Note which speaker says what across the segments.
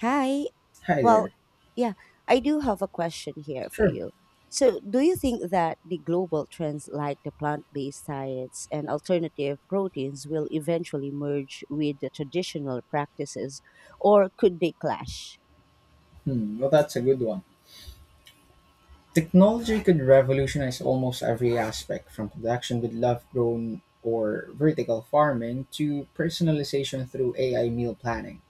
Speaker 1: Hi.
Speaker 2: Hi
Speaker 1: Well,
Speaker 2: there.
Speaker 1: yeah, I do have a question here for
Speaker 2: Sure.
Speaker 1: you. So, do you think that the global trends like the plant based diets and alternative proteins will eventually merge with the traditional practices, or could they clash?
Speaker 2: Hmm, well, that's a good one. Technology could revolutionize almost every aspect from production with lab grown or vertical farming to personalization through AI meal planning,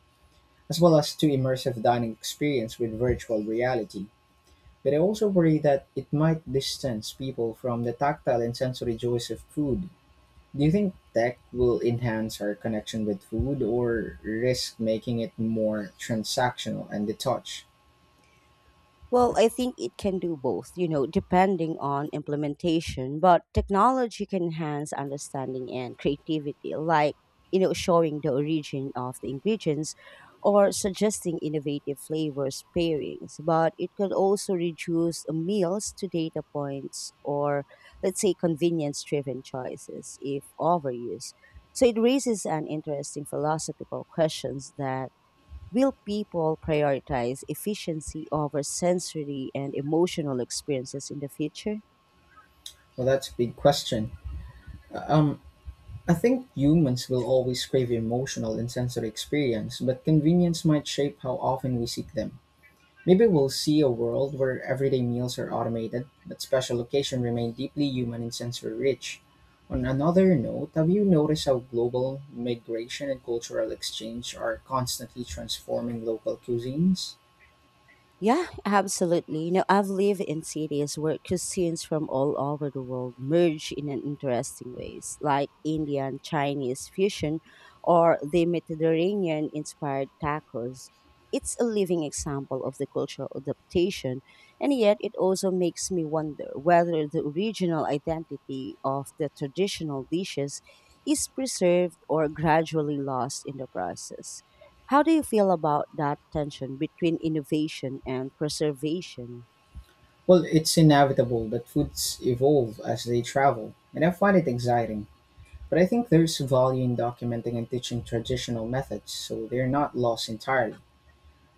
Speaker 2: as well as to immersive dining experience with virtual reality. But I also worry that it might distance people from the tactile and sensory joys of food. Do you think tech will enhance our connection with food or risk making it more transactional and detached?
Speaker 1: Well, I think it can do both, you know, depending on implementation, but technology can enhance understanding and creativity, like, you know, showing the origin of the ingredients or suggesting innovative flavors pairings. But it could also reduce meals to data points or, let's say, convenience driven choices if overused. So it raises an interesting philosophical questions that will people prioritize efficiency over sensory and emotional experiences in the future?
Speaker 2: Well, that's a big question. Um, I think humans will always crave emotional and sensory experience, but convenience might shape how often we seek them. Maybe we'll see a world where everyday meals are automated, but special occasions remain deeply human and sensory rich. On another note, have you noticed how global migration and cultural exchange are constantly transforming local cuisines?
Speaker 1: Yeah, absolutely. You know, I've lived in cities where cuisines from all over the world merge in an interesting ways, like Indian Chinese fusion or the Mediterranean inspired tacos. It's a living example of the cultural adaptation, and yet it also makes me wonder whether the original identity of the traditional dishes is preserved or gradually lost in the process. How do you feel about that tension between innovation and preservation?
Speaker 2: Well, it's inevitable that foods evolve as they travel, and I find it exciting. But I think there's value in documenting and teaching traditional methods so they're not lost entirely.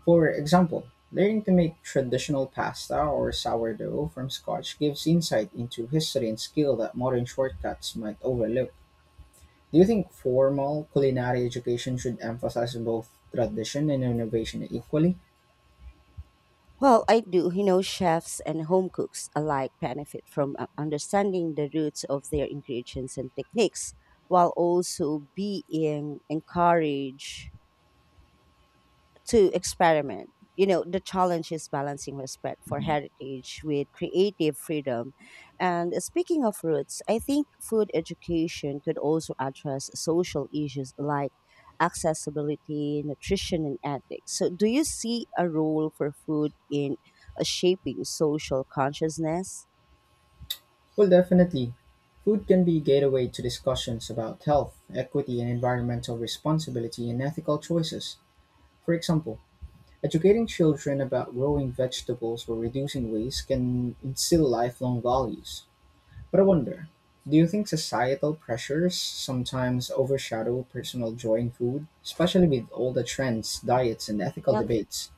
Speaker 2: For example, learning to make traditional pasta or sourdough from scratch gives insight into history and skill that modern shortcuts might overlook. Do you think formal culinary education should emphasize both tradition and innovation equally?
Speaker 1: Well, I do. You know, chefs and home cooks alike benefit from understanding the roots of their ingredients and techniques while also being encouraged to experiment. You know, the challenge is balancing respect for heritage with creative freedom. And speaking of roots, I think food education could also address social issues like accessibility, nutrition, and ethics. So, do you see a role for food in shaping social consciousness?
Speaker 2: Well, definitely. Food can be a gateway to discussions about health, equity, and environmental responsibility and ethical choices. For example, educating children about growing vegetables or reducing waste can instill lifelong values. But I wonder, do you think societal pressures sometimes overshadow personal joy in food, especially with all the trends, diets, and ethical debates?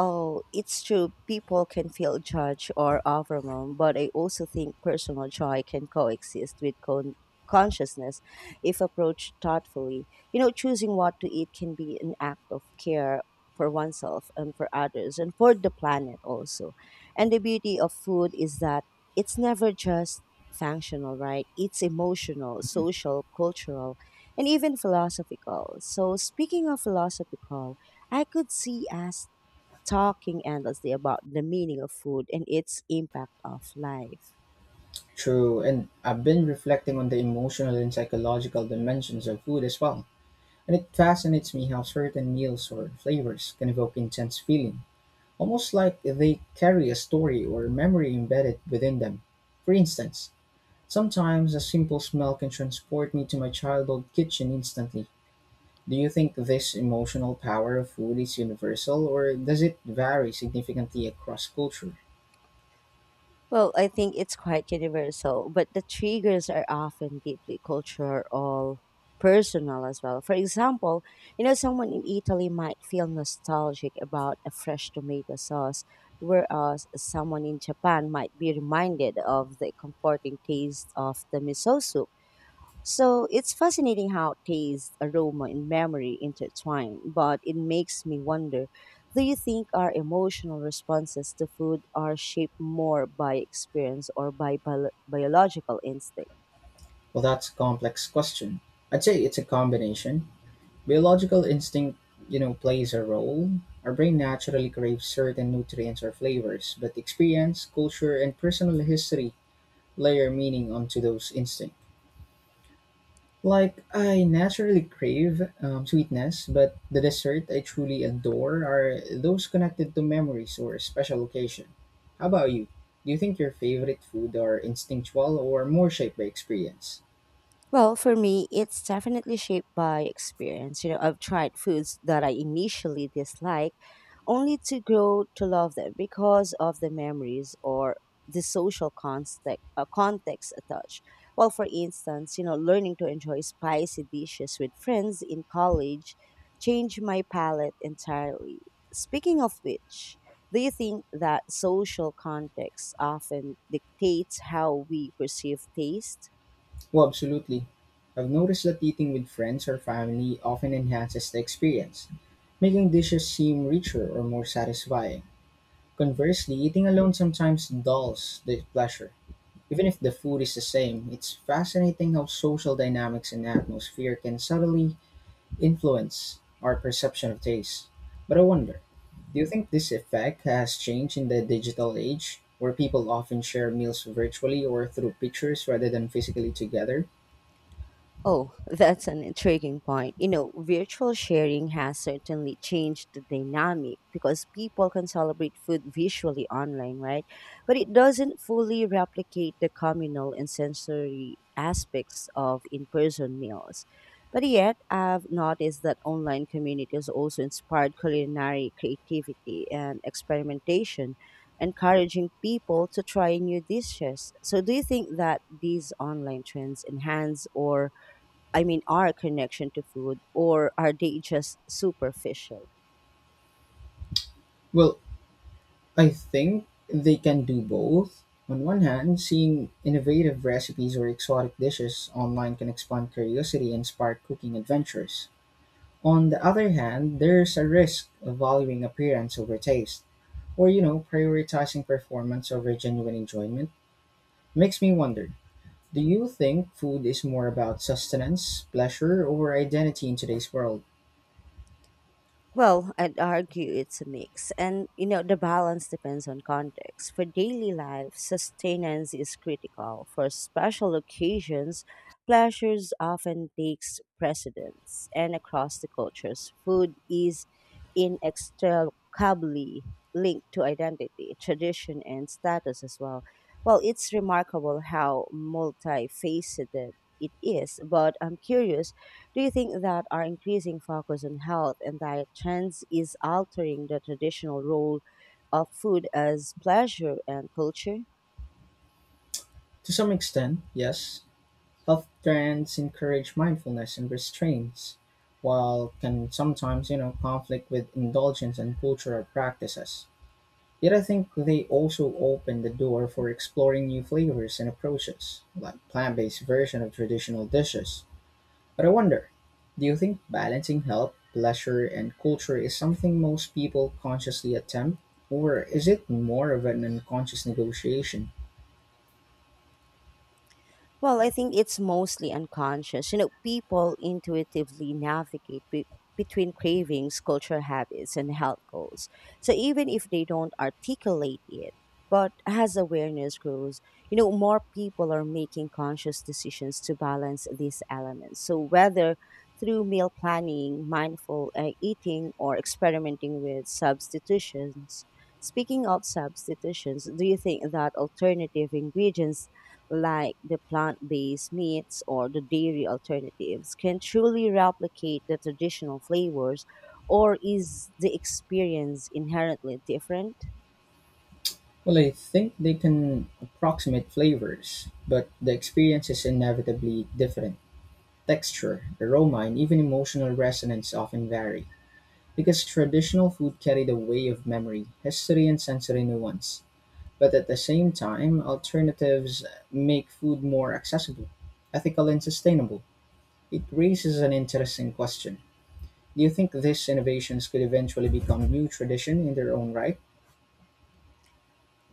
Speaker 1: Oh, it's true. People can feel judged or overwhelmed, but I also think personal joy can coexist with consciousness if approached thoughtfully. You know, choosing what to eat can be an act of care for oneself and for others and for the planet also. And the beauty of food is that it's never just functional, right? It's emotional, social, cultural, and even philosophical. So, speaking of philosophical, I could see us talking endlessly about the meaning of food and its impact of life.
Speaker 2: True, and I've been reflecting on the emotional and psychological dimensions of food as well. And it fascinates me how certain meals or flavors can evoke intense feeling, almost like they carry a story or memory embedded within them. For instance, sometimes a simple smell can transport me to my childhood kitchen instantly. Do you think this emotional power of food is universal, or does it vary significantly across culture?
Speaker 1: Well, I think it's quite universal, but the triggers are often deeply cultural or personal as well. For example, you know, someone in Italy might feel nostalgic about a fresh tomato sauce, whereas someone in Japan might be reminded of the comforting taste of the miso soup. So it's fascinating how taste, aroma, and memory intertwine, but it makes me wonder, do you think our emotional responses to food are shaped more by experience or by biological instinct?
Speaker 2: Well, that's a complex question. I'd say it's a combination. Biological instinct, you know, plays a role. Our brain naturally craves certain nutrients or flavors, but experience, culture, and personal history layer meaning onto those instincts. Like, I naturally crave sweetness, but the dessert I truly adore are those connected to memories or special occasion. How about you? Do you think your favorite food are instinctual or more shaped by experience?
Speaker 1: Well, for me, it's definitely shaped by experience. You know, I've tried foods that I initially dislike only to grow to love them because of the memories or the social context, context attached. Well, for instance, you know, learning to enjoy spicy dishes with friends in college changed my palate entirely. Speaking of which, do you think that social context often dictates how we perceive taste?
Speaker 2: Well, absolutely. I've noticed that eating with friends or family often enhances the experience, making dishes seem richer or more satisfying. Conversely, eating alone sometimes dulls the pleasure. Even if the food is the same, it's fascinating how social dynamics and atmosphere can subtly influence our perception of taste. But I wonder, do you think this effect has changed in the digital age, where people often share meals virtually or through pictures rather than physically together?
Speaker 1: Oh, that's an intriguing point. You know, virtual sharing has certainly changed the dynamic because people can celebrate food visually online, right? But it doesn't fully replicate the communal and sensory aspects of in person meals. But yet, I've noticed that online communities also inspired culinary creativity and experimentation, encouraging people to try new dishes. So, do you think that these online trends enhance or I mean, our connection to food, or are they just superficial?
Speaker 2: Well, I think they can do both. On one hand, seeing innovative recipes or exotic dishes online can expand curiosity and spark cooking adventures. On the other hand, there's a risk of valuing appearance over taste, or you know, prioritizing performance over genuine enjoyment. Makes me wonder, do you think food is more about sustenance, pleasure, or identity in today's world?
Speaker 1: Well, I'd argue it's a mix, and you know, the balance depends on context. For daily life, sustenance is critical. For special occasions, pleasures often takes precedence, and across the cultures, food is inextricably linked to identity, tradition, and status as well. Well, it's remarkable how multifaceted it is, but I'm curious, do you think that our increasing focus on health and diet trends is altering the traditional role of food as pleasure and culture?
Speaker 2: To some extent, yes. Health trends encourage mindfulness and restraints, while can sometimes, you know, conflict with indulgence and cultural practices. Yet I think they also open the door for exploring new flavors and approaches, like plant-based version of traditional dishes. But I wonder, do you think balancing health, pleasure, and culture is something most people consciously attempt, or is it more of an unconscious negotiation?
Speaker 1: Well, I think it's mostly unconscious. You know, people intuitively navigate between cravings, cultural habits, and health goals. So even if they don't articulate it, but as awareness grows, you know, more people are making conscious decisions to balance these elements. So whether through meal planning, mindful eating, or experimenting with substitutions. Speaking of substitutions, do you think that alternative ingredients like the plant based meats or the dairy alternatives, can truly replicate the traditional flavors, or is the experience inherently different?
Speaker 2: Well, I think they can approximate flavors, but the experience is inevitably different. Texture, aroma, and even emotional resonance often vary. Because traditional food carried a way of memory, history and sensory nuance, but at the same time, alternatives make food more accessible, ethical and sustainable. It raises an interesting question. Do you think these innovations could eventually become new tradition in their own right?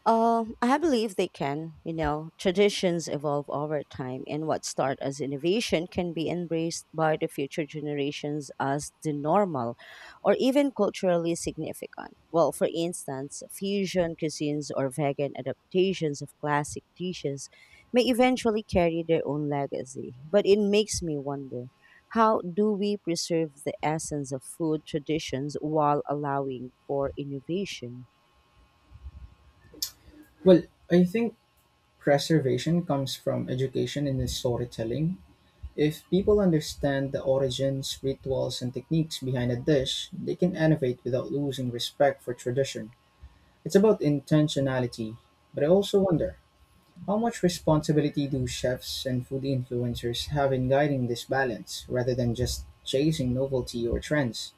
Speaker 1: I believe they can. You know, traditions evolve over time, and what start as innovation can be embraced by the future generations as the normal or even culturally significant. Well, for instance, fusion cuisines or vegan adaptations of classic dishes may eventually carry their own legacy. But it makes me wonder, how do we preserve the essence of food traditions while allowing for innovation?
Speaker 2: Well, I think preservation comes from education and storytelling. If people understand the origins, rituals, and techniques behind a dish, they can innovate without losing respect for tradition. It's about intentionality, but I also wonder, how much responsibility do chefs and food influencers have in guiding this balance rather than just chasing novelty or trends?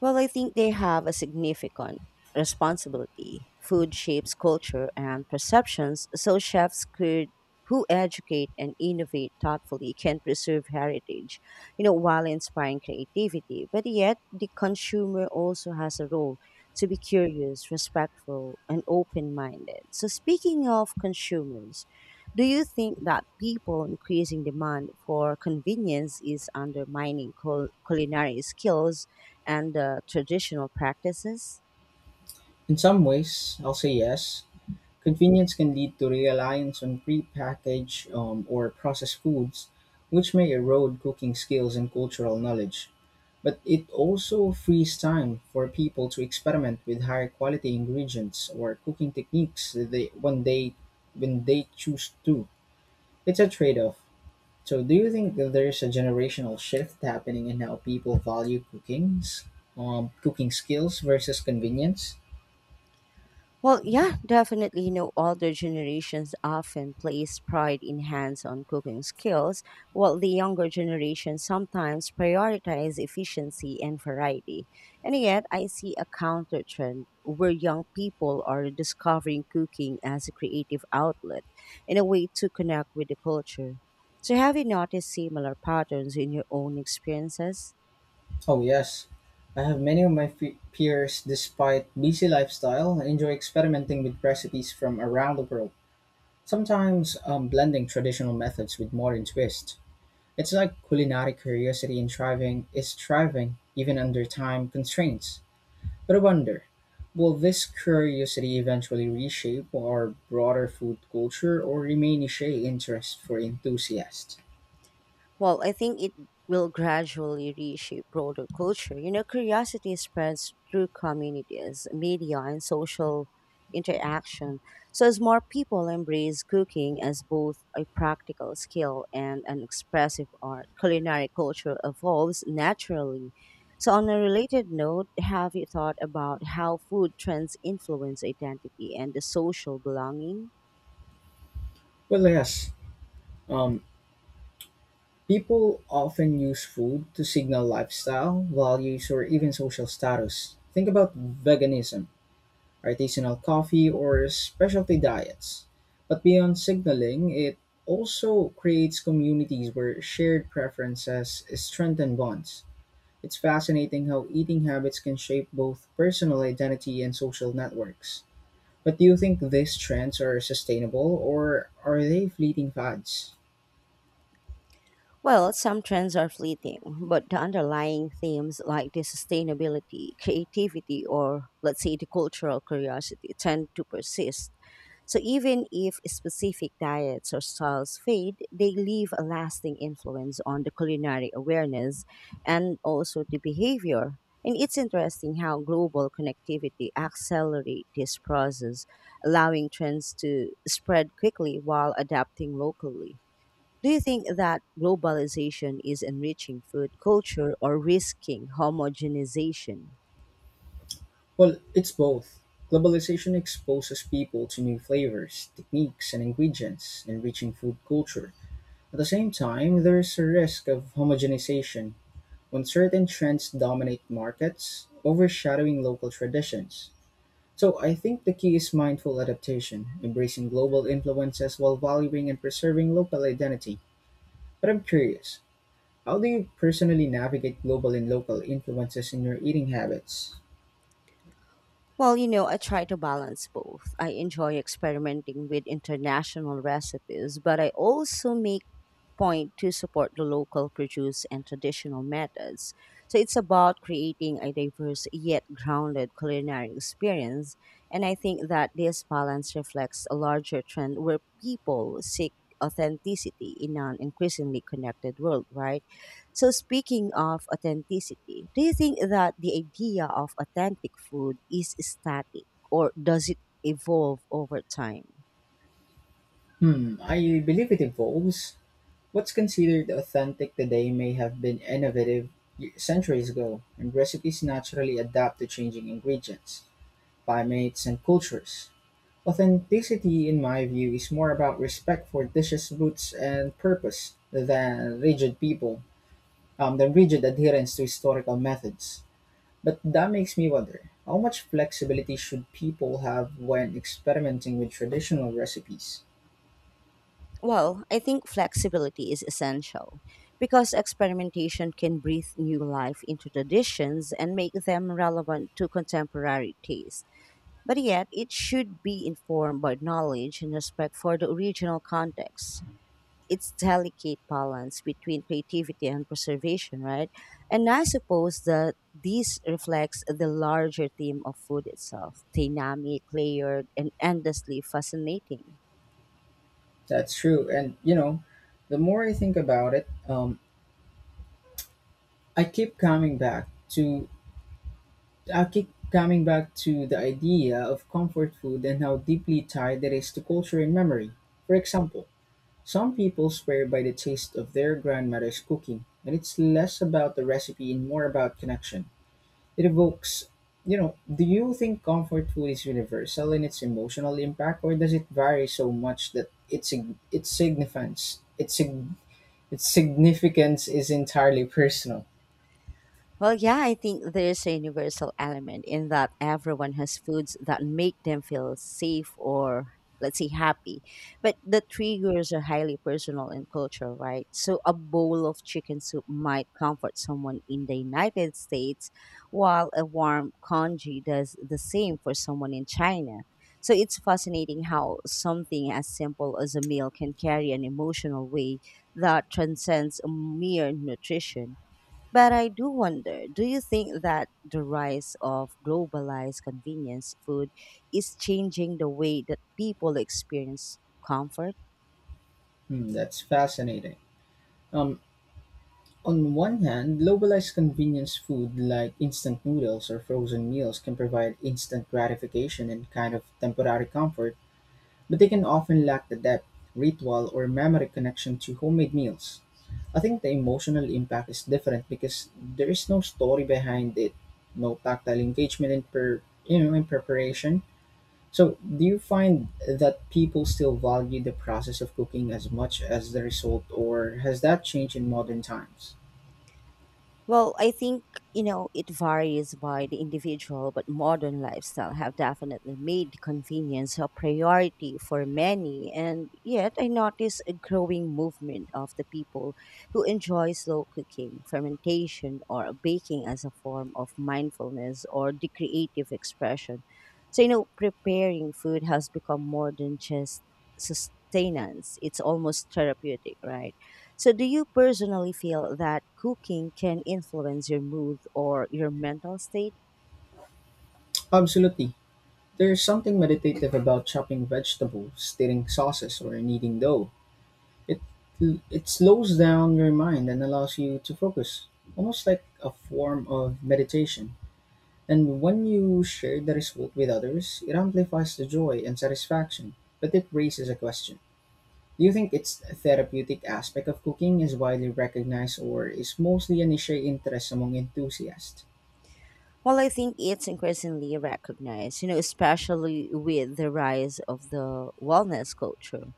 Speaker 1: Well, I think they have a significant responsibility. Food shapes culture and perceptions, so chefs could who educate and innovate thoughtfully can preserve heritage, you know, while inspiring creativity. But yet, the consumer also has a role to be curious, respectful, and open-minded. So, speaking of consumers, do you think that people increasing demand for convenience is undermining culinary skills and traditional practices?
Speaker 2: In some ways, I'll say yes. Convenience can lead to reliance on prepackaged or processed foods, which may erode cooking skills and cultural knowledge. But it also frees time for people to experiment with higher quality ingredients or cooking techniques that they, when they when they choose to. It's a trade-off. So do you think that there's a generational shift happening in how people value cookings, cooking skills versus convenience?
Speaker 1: Well, yeah, definitely. You know, older generations often place pride in hands on cooking skills, while the younger generation sometimes prioritize efficiency and variety. And yet, I see a counter trend where young people are discovering cooking as a creative outlet and a way to connect with the culture. So, have you noticed similar patterns in your own experiences?
Speaker 2: Oh yes, I have many of my peers, despite busy lifestyle, enjoy experimenting with recipes from around the world. Sometimes blending traditional methods with modern twists. It's like culinary curiosity in thriving is thriving even under time constraints. But I wonder, will this curiosity eventually reshape our broader food culture or remain a niche interest for enthusiasts?
Speaker 1: Well, I think it will gradually reshape broader culture. You know, curiosity spreads through communities, media, and social interaction. So, as more people embrace cooking as both a practical skill and an expressive art, culinary culture evolves naturally. So, on a related note, have you thought about how food trends influence identity and the social belonging?
Speaker 2: Well, yes. Um, people often use food to signal lifestyle, values, or even social status. Think about veganism, artisanal coffee, or specialty diets. But beyond signaling, it also creates communities where shared preferences strengthen bonds. It's fascinating how eating habits can shape both personal identity and social networks. But do you think these trends are sustainable or are they fleeting fads?
Speaker 1: Well, some trends are fleeting, but the underlying themes like the sustainability, creativity, or let's say the cultural curiosity tend to persist. So even if specific diets or styles fade, they leave a lasting influence on the culinary awareness and also the behavior. And it's interesting how global connectivity accelerates this process, allowing trends to spread quickly while adapting locally. Do you think that globalization is enriching food culture or risking homogenization?
Speaker 2: Well, it's both. Globalization exposes people to new flavors, techniques, and ingredients, enriching food culture. At the same time, there is a risk of homogenization when certain trends dominate markets, overshadowing local traditions. So I think the key is mindful adaptation, embracing global influences while valuing and preserving local identity. But I'm curious, how do you personally navigate global and local influences in your eating habits?
Speaker 1: Well, you know, I try to balance both. I enjoy experimenting with international recipes, but I also make point to support the local produce and traditional methods. So it's about creating a diverse yet grounded culinary experience, and I think that this balance reflects a larger trend where people seek authenticity in an increasingly connected world, right? So, speaking of authenticity, do you think that the idea of authentic food is static or does it evolve over time?
Speaker 2: Hmm, I believe it evolves. What's considered authentic today may have been innovative centuries ago, and recipes naturally adapt to changing ingredients, climates, and cultures. Authenticity, in my view, is more about respect for dishes' roots and purpose than rigid adherence to historical methods. But that makes me wonder, how much flexibility should people have when experimenting with traditional recipes?
Speaker 1: Well, I think flexibility is essential because experimentation can breathe new life into traditions and make them relevant to contemporary taste. But yet, it should be informed by knowledge and respect for the original context. It's delicate balance between creativity and preservation, right? And I suppose that this reflects the larger theme of food itself, dynamic, layered, and endlessly fascinating.
Speaker 2: That's true. And, you know, the more I think about it, I keep coming back to I keep coming back to the idea of comfort food and how deeply tied it is to culture and memory. For example, some people swear by the taste of their grandmother's cooking, and it's less about the recipe and more about connection. It evokes, you know, do you think comfort food is universal in its emotional impact, or does it vary so much that its significance is entirely personal?
Speaker 1: Well, yeah, I think there's a universal element in that everyone has foods that make them feel safe or, let's say, happy. But the triggers are highly personal and cultural, right? So a bowl of chicken soup might comfort someone in the United States, while a warm congee does the same for someone in China. So it's fascinating how something as simple as a meal can carry an emotional weight that transcends mere nutrition. But I do wonder, do you think that the rise of globalized convenience food is changing the way that people experience comfort?
Speaker 2: Hmm, that's fascinating. Um, On one hand, globalized convenience food like instant noodles or frozen meals can provide instant gratification and kind of temporary comfort, but they can often lack the depth, ritual, or memory connection to homemade meals. I think the emotional impact is different because there is no story behind it, no tactile engagement in you know, in preparation. So, do you find that people still value the process of cooking as much as the result, or has that changed in modern times?
Speaker 1: Well, I think, you know, it varies by the individual, but modern lifestyle have definitely made convenience a priority for many. And yet I notice a growing movement of the people who enjoy slow cooking, fermentation, or baking as a form of mindfulness or the creative expression. So, you know, preparing food has become more than just sustenance. It's almost therapeutic, right? So, do you personally feel that cooking can influence your mood or your mental state?
Speaker 2: Absolutely. There is something meditative about chopping vegetables, stirring sauces, or kneading dough. It it slows down your mind and allows you to focus, almost like a form of meditation. And when you share the result with others, it amplifies the joy and satisfaction. But it raises a question: do you think its therapeutic aspect of cooking is widely recognized, or is mostly a niche interest among enthusiasts?
Speaker 1: Well, I think it's increasingly recognized, you know, especially with the rise of the wellness culture.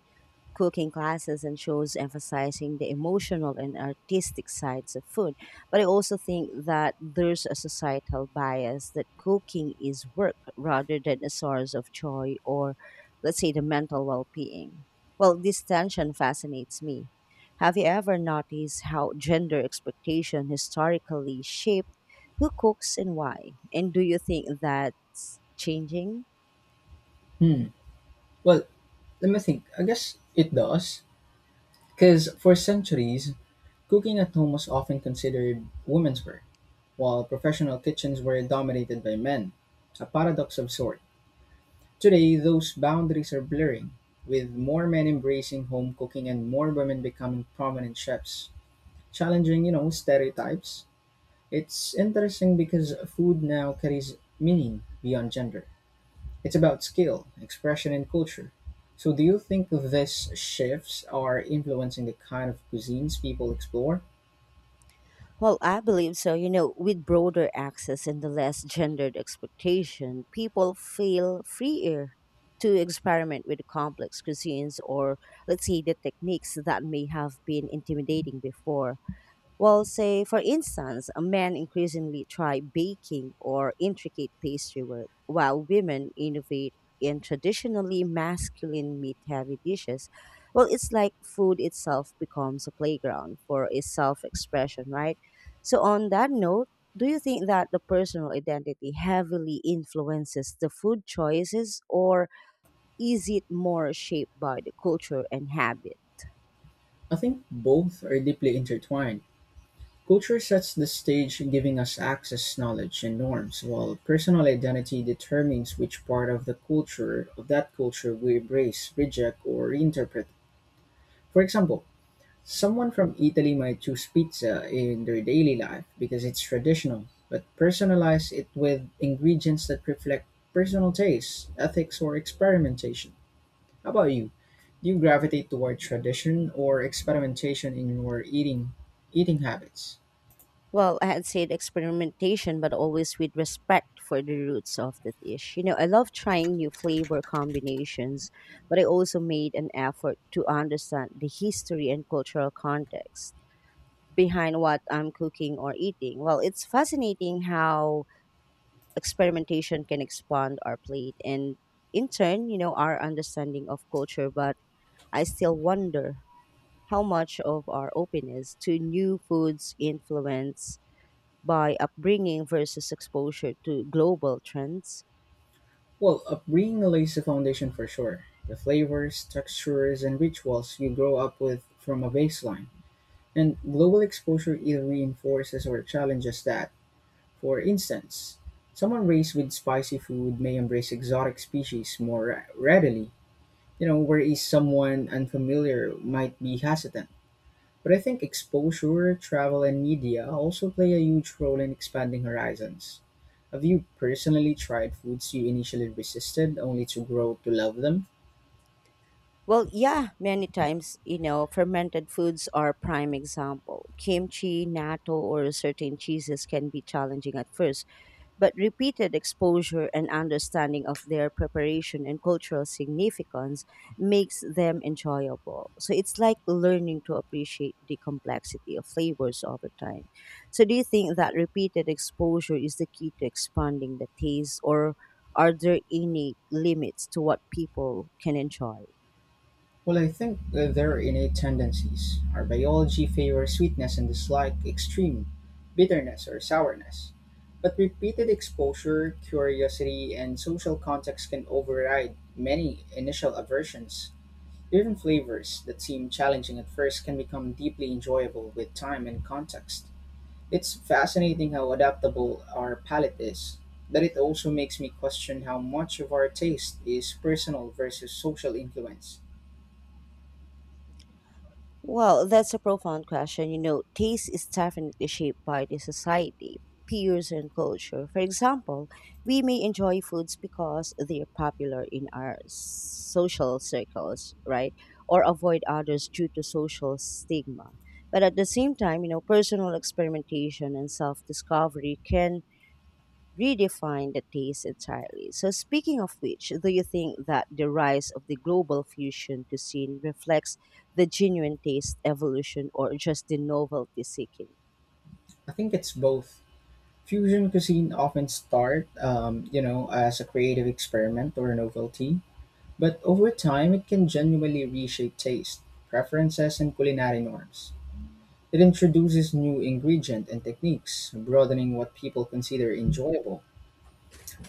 Speaker 1: Cooking classes and shows emphasizing the emotional and artistic sides of food. But I also think that there's a societal bias that cooking is work rather than a source of joy or, let's say, the mental well being. Well, this tension fascinates me. Have you ever noticed how gender expectation historically shaped who cooks and why? And do you think that's changing?
Speaker 2: Hmm. Well, let me think. I guess it does. Because for centuries, cooking at home was often considered women's work, while professional kitchens were dominated by men, a paradox of sort. Today, those boundaries are blurring, with more men embracing home cooking and more women becoming prominent chefs, challenging, you know, stereotypes. It's interesting because food now carries meaning beyond gender. It's about skill, expression, and culture. So, do you think these shifts are influencing the kind of cuisines people explore?
Speaker 1: Well, I believe so. You know, with broader access and the less gendered expectation, people feel freer to experiment with complex cuisines or, let's say, the techniques that may have been intimidating before. Well, say, for instance, men increasingly try baking or intricate pastry work, while women innovate in traditionally masculine meat heavy dishes. Well, it's like food itself becomes a playground for a self expression, right? So, on that note, do you think that the personal identity heavily influences the food choices, or is it more shaped by the culture and habit?
Speaker 2: I think both are deeply intertwined. Culture sets the stage, giving us access, knowledge, and norms, while personal identity determines which part of the culture of that culture we embrace, reject, or reinterpret. For example, someone from Italy might choose pizza in their daily life because it's traditional, but personalize it with ingredients that reflect personal tastes, ethics, or experimentation. How about you? Do you gravitate toward tradition or experimentation in your eating habits?
Speaker 1: Well, I had said experimentation, but always with respect for the roots of the dish. You know, I love trying new flavor combinations, but I also made an effort to understand the history and cultural context behind what I'm cooking or eating. Well, it's fascinating how experimentation can expand our plate and, in turn, you know, our understanding of culture. But I still wonder how much of our openness to new foods influence by upbringing versus exposure to global trends?
Speaker 2: Well, upbringing lays the foundation for sure. The flavors, textures, and rituals you grow up with from a baseline. And global exposure either reinforces or challenges that. For instance, someone raised with spicy food may embrace exotic species more readily, you know, whereas someone unfamiliar might be hesitant. But I think exposure, travel, and media also play a huge role in expanding horizons. Have you personally tried foods you initially resisted only to grow to love them?
Speaker 1: Well, yeah, many times, you know, fermented foods are a prime example. Kimchi, natto, or certain cheeses can be challenging at first, but repeated exposure and understanding of their preparation and cultural significance makes them enjoyable. So it's like learning to appreciate the complexity of flavors over time. So do you think that repeated exposure is the key to expanding the taste, or are there any limits to what people can enjoy?
Speaker 2: Well, I think that there are innate tendencies. Our biology favors sweetness and dislike extreme bitterness or sourness. But repeated exposure, curiosity, and social context can override many initial aversions. Different flavors that seem challenging at first can become deeply enjoyable with time and context. It's fascinating how adaptable our palate is, but it also makes me question how much of our taste is personal versus social influence.
Speaker 1: Well, that's a profound question. You know, taste is definitely shaped by the society, peers, and culture. For example, we may enjoy foods because they are popular in our social circles, right? Or avoid others due to social stigma. But at the same time, you know, personal experimentation and self discovery can redefine the taste entirely. So, speaking of which, do you think that the rise of the global fusion cuisine reflects the genuine taste evolution or just the novelty seeking?
Speaker 2: I think it's both. Fusion cuisine often start, you know, as a creative experiment or novelty, but over time it can genuinely reshape taste, preferences, and culinary norms. It introduces new ingredients and techniques, broadening what people consider enjoyable.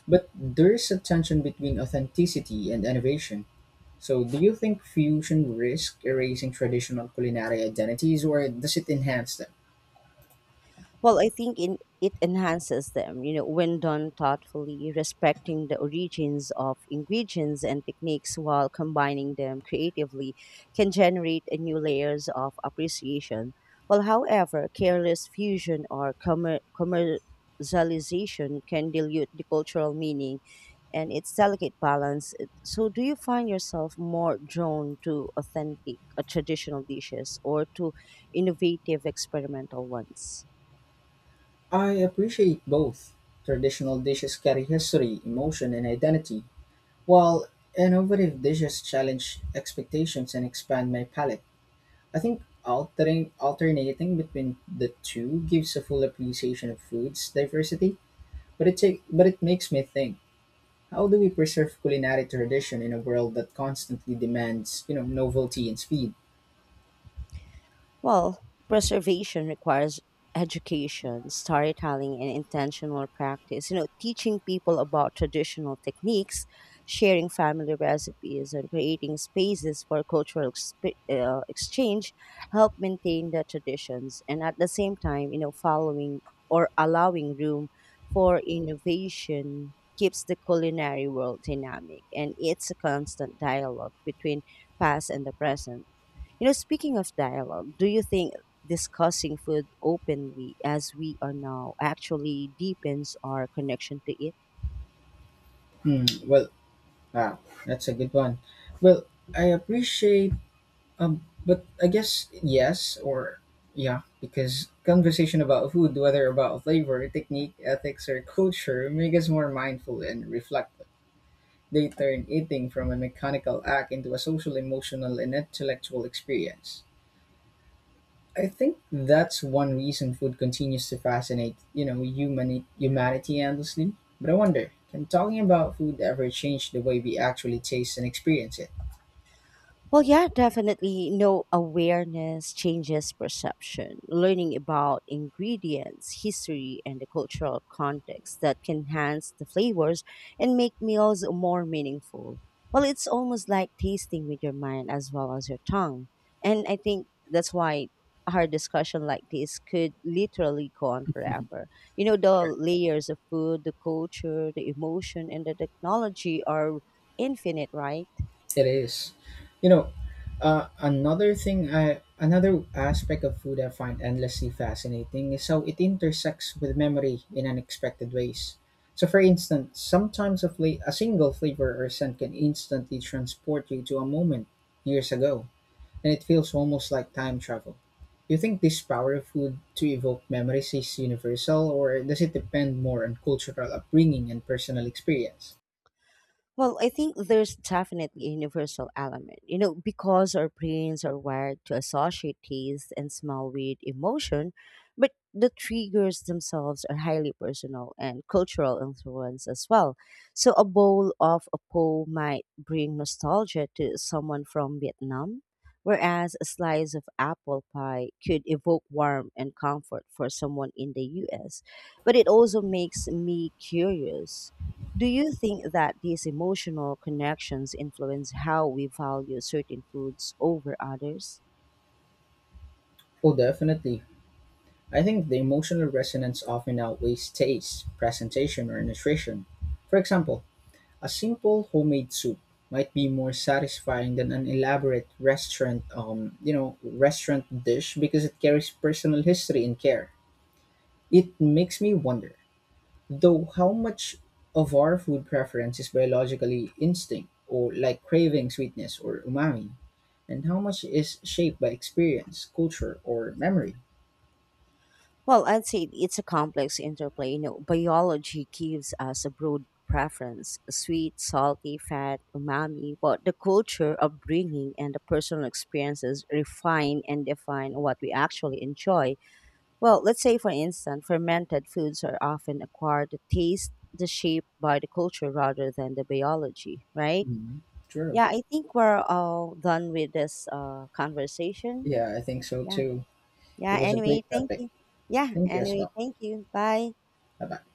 Speaker 2: But there is a tension between authenticity and innovation. So, do you think fusion risks erasing traditional culinary identities or does it enhance them?
Speaker 1: Well, I think in, it enhances them, you know, when done thoughtfully, respecting the origins of ingredients and techniques while combining them creatively can generate a new layers of appreciation. Well, however, careless fusion or commercialization can dilute the cultural meaning and its delicate balance. So, do you find yourself more drawn to authentic traditional dishes or to innovative experimental ones?
Speaker 2: I appreciate both. Traditional dishes carry history, emotion, and identity, while innovative dishes challenge expectations and expand my palate. I think altering alternating between the two gives a full appreciation of food's diversity, but it makes me think, how do we preserve culinary tradition in a world that constantly demands, you know, novelty and speed?
Speaker 1: Well, preservation requires education, storytelling, and intentional practice. You know, teaching people about traditional techniques, sharing family recipes, and creating spaces for cultural exchange help maintain the traditions. And at the same time, you know, following or allowing room for innovation keeps the culinary world dynamic, and it's a constant dialogue between past and the present. You know, speaking of dialogue, do you think discussing food openly as we are now actually deepens our connection to it?
Speaker 2: Hmm, well, wow, that's a good one. Well, I appreciate but I guess yes or yeah, because conversation about food, whether about flavor, technique, ethics, or culture, make us more mindful and reflective. They turn eating from a mechanical act into a social, emotional, and intellectual experience. I think that's one reason food continues to fascinate, you know, humanity endlessly. But I wonder, can talking about food ever change the way we actually taste and experience it?
Speaker 1: Well, yeah, definitely. No, awareness changes perception. Learning about ingredients, history, and the cultural context that can enhance the flavors and make meals more meaningful. Well, it's almost like tasting with your mind as well as your tongue. And I think that's why our discussion like this could literally go on forever. You know, the layers of food, the culture, the emotion, and the technology are infinite, right?
Speaker 2: It is. You know, another aspect of food I find endlessly fascinating is how it intersects with memory in unexpected ways. So for instance, sometimes a single flavor or scent can instantly transport you to a moment years ago, and it feels almost like time travel. Do you think this power of food to evoke memories is universal, or does it depend more on cultural upbringing and personal experience?
Speaker 1: Well, I think there's definitely a universal element, you know, because our brains are wired to associate taste and smell with emotion, but the triggers themselves are highly personal and cultural influence as well. So, a bowl of a po might bring nostalgia to someone from Vietnam, whereas a slice of apple pie could evoke warmth and comfort for someone in the US. But it also makes me curious, do you think that these emotional connections influence how we value certain foods over others?
Speaker 2: Oh, definitely. I think the emotional resonance often outweighs taste, presentation, or nutrition. For example, a simple homemade soup might be more satisfying than an elaborate restaurant, you know, restaurant dish because it carries personal history and care. It makes me wonder, though, how much of our food preference is biologically instinct or like craving sweetness or umami, and how much is shaped by experience, culture, or memory.
Speaker 1: Well, I'd say it's a complex interplay. You know, biology gives us a broad preference sweet, salty, fat, umami, but the culture, upbringing, and the personal experiences refine and define what we actually enjoy. Well, let's say, for instance, fermented foods are often acquired the taste, the shape by the culture rather than the biology, right?
Speaker 2: Mhm. True.
Speaker 1: Yeah, I think we're all done with this conversation.
Speaker 2: Yeah, I think so
Speaker 1: Yeah.
Speaker 2: too.
Speaker 1: Yeah,
Speaker 2: It was a
Speaker 1: anyway,
Speaker 2: great
Speaker 1: thank
Speaker 2: topic.
Speaker 1: you. Yeah,
Speaker 2: Thank you as
Speaker 1: anyway,
Speaker 2: well.
Speaker 1: thank you. Bye.
Speaker 2: Bye bye.